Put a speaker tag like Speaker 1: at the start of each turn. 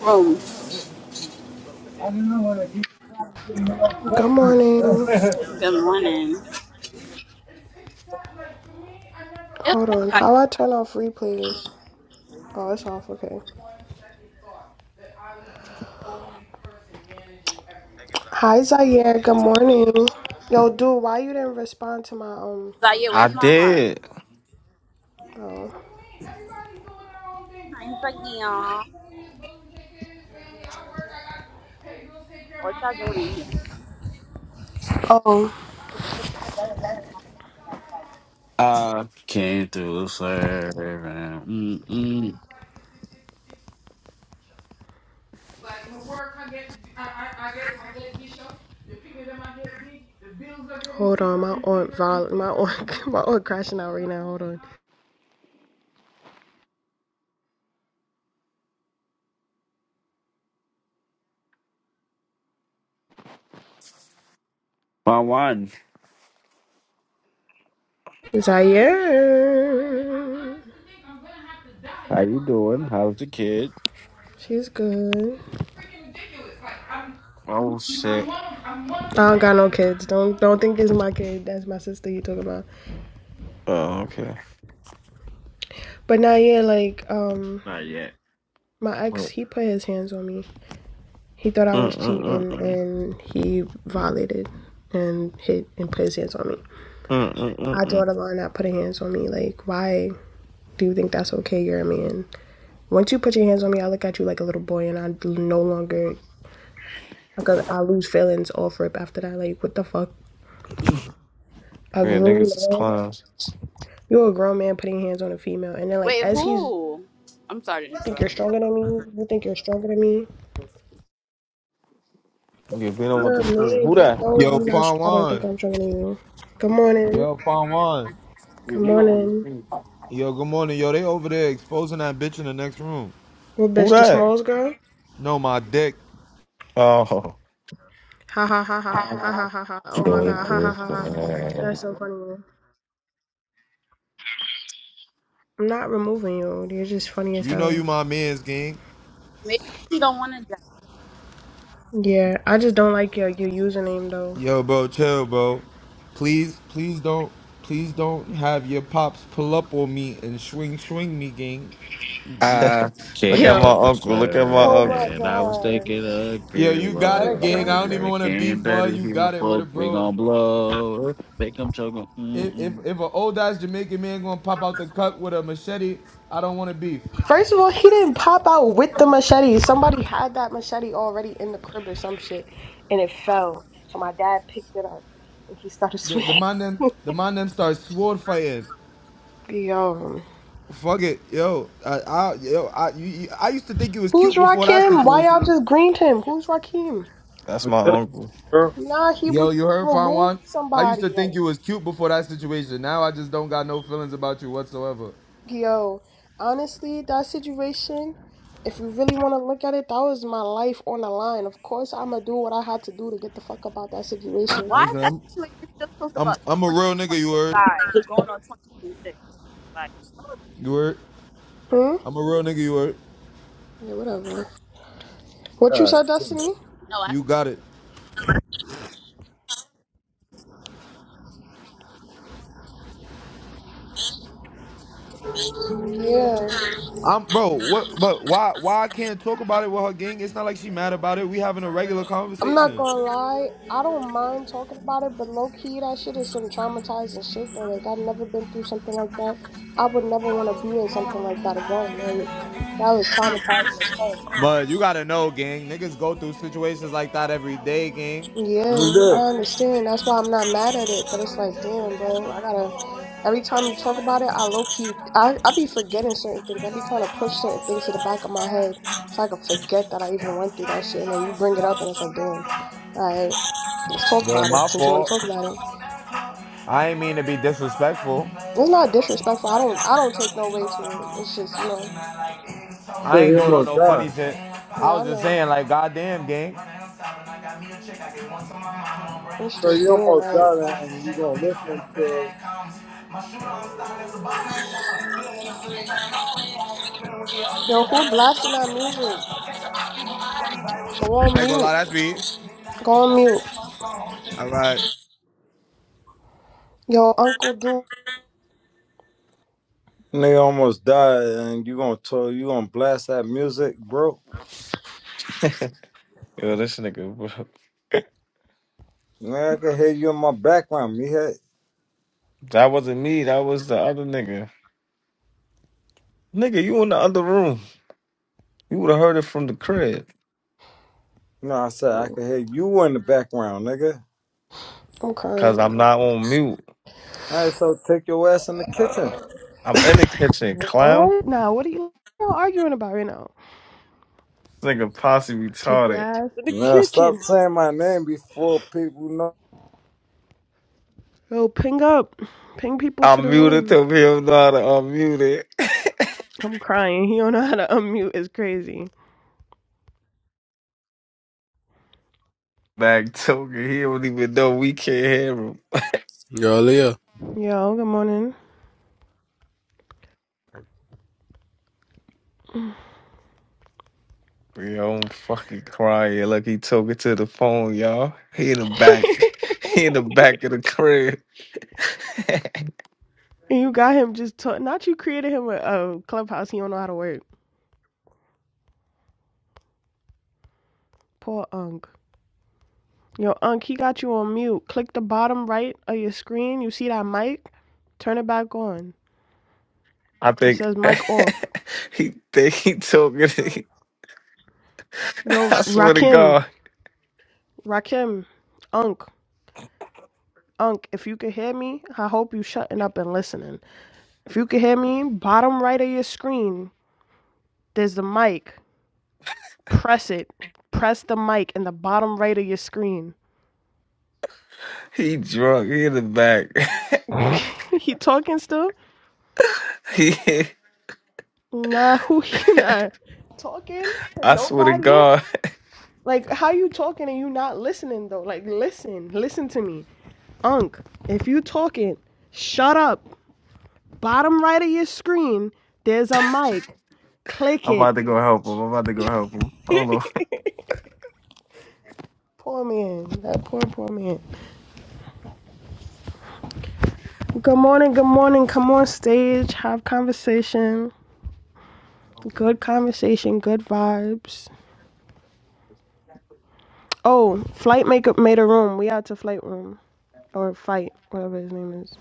Speaker 1: room. Good
Speaker 2: Good morning.
Speaker 1: morning. It
Speaker 2: Hold
Speaker 1: was
Speaker 2: on.
Speaker 1: Zaya.
Speaker 2: How I turn off replays? Oh, it's off. Okay. Hi, Zaire. Good morning. Yo, dude, why you didn't respond to my um?
Speaker 1: Zaya,
Speaker 3: I
Speaker 1: where's my heart?
Speaker 3: did.
Speaker 2: Oh.
Speaker 1: Hi, Zaya. What y'all doing in here?
Speaker 2: Oh.
Speaker 4: I came through serving. Mm-mm.
Speaker 2: Like, my work, I get, I, I, get, I get these shows. The people that I get big, the bills are. Hold on, my aunt, Val- my aunt, my aunt crashing out right now. Hold on.
Speaker 4: My one.
Speaker 2: Zaire.
Speaker 4: How you doing? How's the kid?
Speaker 2: She's good.
Speaker 3: Oh shit.
Speaker 2: I don't got no kids. Don't don't think this is my kid. That's my sister you talking about.
Speaker 3: Oh okay.
Speaker 2: But now yeah, like um
Speaker 4: Not yet.
Speaker 2: my ex
Speaker 4: But
Speaker 2: he put his hands on me. He thought I was cheating
Speaker 3: Mm-mm-mm-mm.
Speaker 2: and he violated and hit and put his hands on me. I
Speaker 3: Mm-mm-mm-mm.
Speaker 2: draw the line at putting hands on me. Like why do you think that's okay? You're a man. Once you put your hands on me, I look at you like a little boy and I no longer I I lose feelings off rip after that. Like what the fuck? A
Speaker 3: Yeah,
Speaker 2: grown
Speaker 3: niggas is
Speaker 2: man,
Speaker 3: clowns.
Speaker 2: you're a grown man putting hands on a female, and then like
Speaker 1: Wait,
Speaker 2: as he's "You
Speaker 1: who? I'm sorry to
Speaker 2: think you're
Speaker 1: interrupt.
Speaker 2: stronger than me. You think you're stronger than me.
Speaker 3: Yeah, we don't want
Speaker 2: You're a
Speaker 3: the school.
Speaker 2: man.
Speaker 3: Who
Speaker 2: You
Speaker 3: that?
Speaker 2: know
Speaker 5: Yo,
Speaker 2: I'm not.
Speaker 5: Fawn
Speaker 2: I don't
Speaker 5: Wan.
Speaker 2: think I'm stronger than you. Good morning.
Speaker 5: Yo, Fawn Wan.
Speaker 3: Yeah,
Speaker 2: Good
Speaker 3: they don't want the
Speaker 2: morning.
Speaker 3: school.
Speaker 5: Yo, good morning. Yo, they over there exposing that bitch in the next room.
Speaker 2: Well,
Speaker 3: Who
Speaker 2: bitch, the
Speaker 3: that?
Speaker 2: smalls girl.
Speaker 5: No, my dick.
Speaker 3: Oh.
Speaker 2: Ha ha ha ha ha
Speaker 4: I
Speaker 2: ha ha ha. Oh my
Speaker 4: came
Speaker 2: god. Ha ha
Speaker 4: through
Speaker 2: ha ha.
Speaker 4: serving.
Speaker 2: That's so funny. I'm not removing you. You're just funny as
Speaker 5: You know you
Speaker 2: hell.
Speaker 5: my man's gang.
Speaker 1: Maybe she don't want to die.
Speaker 2: Yeah, I just don't like your your username though.
Speaker 5: Yo, bro, chill, bro. Please, please don't, please don't have your pops pull up on me and swing, swing me, gang.
Speaker 4: I
Speaker 3: look at
Speaker 4: came
Speaker 2: Yo.
Speaker 3: my
Speaker 4: through
Speaker 3: uncle. Look at my
Speaker 2: Oh
Speaker 3: uncle.
Speaker 2: my
Speaker 4: serving. I was
Speaker 2: gosh.
Speaker 4: thinking of
Speaker 5: Yo,
Speaker 4: good
Speaker 5: you got
Speaker 2: Let
Speaker 5: it,
Speaker 2: it
Speaker 5: gang.
Speaker 4: love.
Speaker 2: go.
Speaker 5: I don't even want to beef,
Speaker 4: Making
Speaker 5: man.
Speaker 4: dirty
Speaker 5: You
Speaker 4: human
Speaker 5: got it, with
Speaker 4: folk.
Speaker 5: it,
Speaker 4: We
Speaker 5: bro.
Speaker 4: gon' blow. Make them choke.
Speaker 5: If if
Speaker 4: 'em.
Speaker 5: if an old ass Jamaican man gonna pop out the cut with a machete, I don't want to beef.
Speaker 2: First of all, he didn't pop out with the machete. Somebody had that machete already in the crib or some shit, and it fell. So my dad picked it up, and he started
Speaker 5: The, the
Speaker 2: swinging.
Speaker 5: man them, the man them start sword fighting.
Speaker 2: Yo,
Speaker 5: Fuck it, yo. I, I yo, I, you, you- I used to think it was
Speaker 2: who's
Speaker 5: cute before that
Speaker 2: Rakim? Why y'all
Speaker 5: situation.
Speaker 2: just greened him? Who's Rakim?
Speaker 3: That's
Speaker 6: Yeah,
Speaker 3: my uncle.
Speaker 6: girl.
Speaker 2: Nah, he, re-
Speaker 5: Yo, you heard
Speaker 2: removed
Speaker 5: Farwan? I used
Speaker 2: somebody.
Speaker 5: to think
Speaker 2: Like,
Speaker 5: you was cute before that situation. Now I just don't got no feelings about you whatsoever.
Speaker 2: yo, honestly, that situation. If you really want to look at it, that was my life on the line. Of course, I'ma do what I had to do to get the fuck about that situation.
Speaker 1: Why is
Speaker 5: Listen,
Speaker 1: that
Speaker 5: I'm,
Speaker 1: situation still talked
Speaker 5: I'm,
Speaker 1: about
Speaker 5: I'm a
Speaker 1: in
Speaker 5: real nigga. You heard?
Speaker 1: 2025, going on 2026? Like,
Speaker 5: You heard?
Speaker 2: Hmm.
Speaker 5: I'm a real nigga. You heard?
Speaker 2: Yeah, whatever. What you said, Destiny?
Speaker 1: no, I
Speaker 5: You got it.
Speaker 2: Yeah.
Speaker 5: I'm, bro. What? But why? Why I can't talk about it with her gang? It's not like she mad about it. We having a regular
Speaker 2: I'm not
Speaker 5: conversation.
Speaker 2: gonna lie, I don't mind talking about it, but low key, that shit is some traumatizing shit though. Like, I've never been through something like that. I would never want to be in something like that again. Like, that was traumatizing as fuck.
Speaker 5: But you gotta know, gang. Niggas go through situations like that every day, gang.
Speaker 6: You
Speaker 2: Yeah,
Speaker 6: did.
Speaker 2: I understand. That's why I'm not mad at it, but it's like, damn, bro, I gotta. Every time you talk about it, I low key, I, I be forgetting certain things. I be trying to push certain things to the back of my head so I can forget that I even went through that shit. And then you bring it up, and it's like, damn, all right. Let's talk
Speaker 5: Well,
Speaker 2: about
Speaker 5: my
Speaker 2: it since you want to
Speaker 5: fault.
Speaker 2: talk about it.
Speaker 5: I ain't mean to be disrespectful.
Speaker 2: It's not disrespectful. I don't I don't take no way to it. It's just you know
Speaker 6: So
Speaker 5: I ain't
Speaker 6: you
Speaker 5: doing on
Speaker 6: almost
Speaker 5: no
Speaker 6: died.
Speaker 5: funny shit. I
Speaker 2: yeah
Speaker 5: was
Speaker 2: I
Speaker 5: just
Speaker 2: know.
Speaker 5: saying, like, goddamn, gang. I
Speaker 2: It's
Speaker 6: So
Speaker 2: just
Speaker 6: you
Speaker 2: damn
Speaker 6: almost
Speaker 2: like
Speaker 6: died, and you gonna listen to.
Speaker 2: yo who blasting that music? Go on
Speaker 5: ain't gonna
Speaker 2: mute.
Speaker 5: lie, that's me.
Speaker 2: Go on mute.
Speaker 5: All right.
Speaker 2: Yo Uncle Duke.
Speaker 6: Nigga almost died, and you gonna tell you gonna blast that music, bro.
Speaker 3: Yo, this nigga. bro.
Speaker 6: Nigga, I can hear you in my background. Me head.
Speaker 3: That wasn't me. That was the other nigga. Nigga, you in the other room. You would have heard it from the crib.
Speaker 6: No, I said I can hear you in the background, nigga.
Speaker 2: I'm
Speaker 3: Cause
Speaker 2: crying.
Speaker 3: I'm not on mute.
Speaker 6: All right, so take your ass in the kitchen.
Speaker 3: I'm in the kitchen, clown.
Speaker 2: What? Nah, what are you all arguing about right now?
Speaker 3: This nigga posse
Speaker 2: Take your
Speaker 3: retarded.
Speaker 2: ass to the
Speaker 6: Now stop
Speaker 2: kitchen.
Speaker 6: saying my name before people know.
Speaker 2: Yo, ping up. Ping people to
Speaker 3: I'm
Speaker 2: the
Speaker 3: muted
Speaker 2: room.
Speaker 3: to him not to unmute it.
Speaker 2: I'm crying. He don't know how to unmute. It's crazy.
Speaker 3: Back talking, he don't even know we can't hear him.
Speaker 7: Yo, Leah.
Speaker 2: Yo, good morning.
Speaker 3: Yo, I'm fucking crying like he talking to the phone, y'all. He in the back, he in the back of the crib.
Speaker 2: And you got him just t- not you created him a, a clubhouse. He don't know how to work. Poor Unk. Yo, Unk, he got you on mute. Click the bottom right of your screen. You see that mic? Turn it back on.
Speaker 3: I
Speaker 2: It
Speaker 3: think
Speaker 2: says mic off.
Speaker 3: he think he talking. To,
Speaker 2: Yo,
Speaker 3: I swear to
Speaker 2: Rakim,
Speaker 3: God,
Speaker 2: Rakim, Unk, Unk. If you can hear me, I hope you shutting up and listening. If you can hear me, bottom right of your screen, there's the mic. Press it. Press the mic in the bottom right of your screen.
Speaker 3: he drunk. He in the back.
Speaker 2: he talking still?
Speaker 3: he,
Speaker 2: Nah, who you not talking to
Speaker 3: I swear to
Speaker 2: nobody?
Speaker 3: God,
Speaker 2: Like, how you talking and you not listening though? Like, listen, listen to me, Unc. If you talking, shut up. Bottom right of your screen, there's a mic. Click
Speaker 3: I'm
Speaker 2: it.
Speaker 3: about to go help him. I'm about to go help him. Hold on.
Speaker 2: Poor man, that poor poor man. Good morning, good morning. Come on stage, have conversation. Good conversation, good vibes. Oh, flight makeup made a room. We out to flight room or fight, whatever his name is.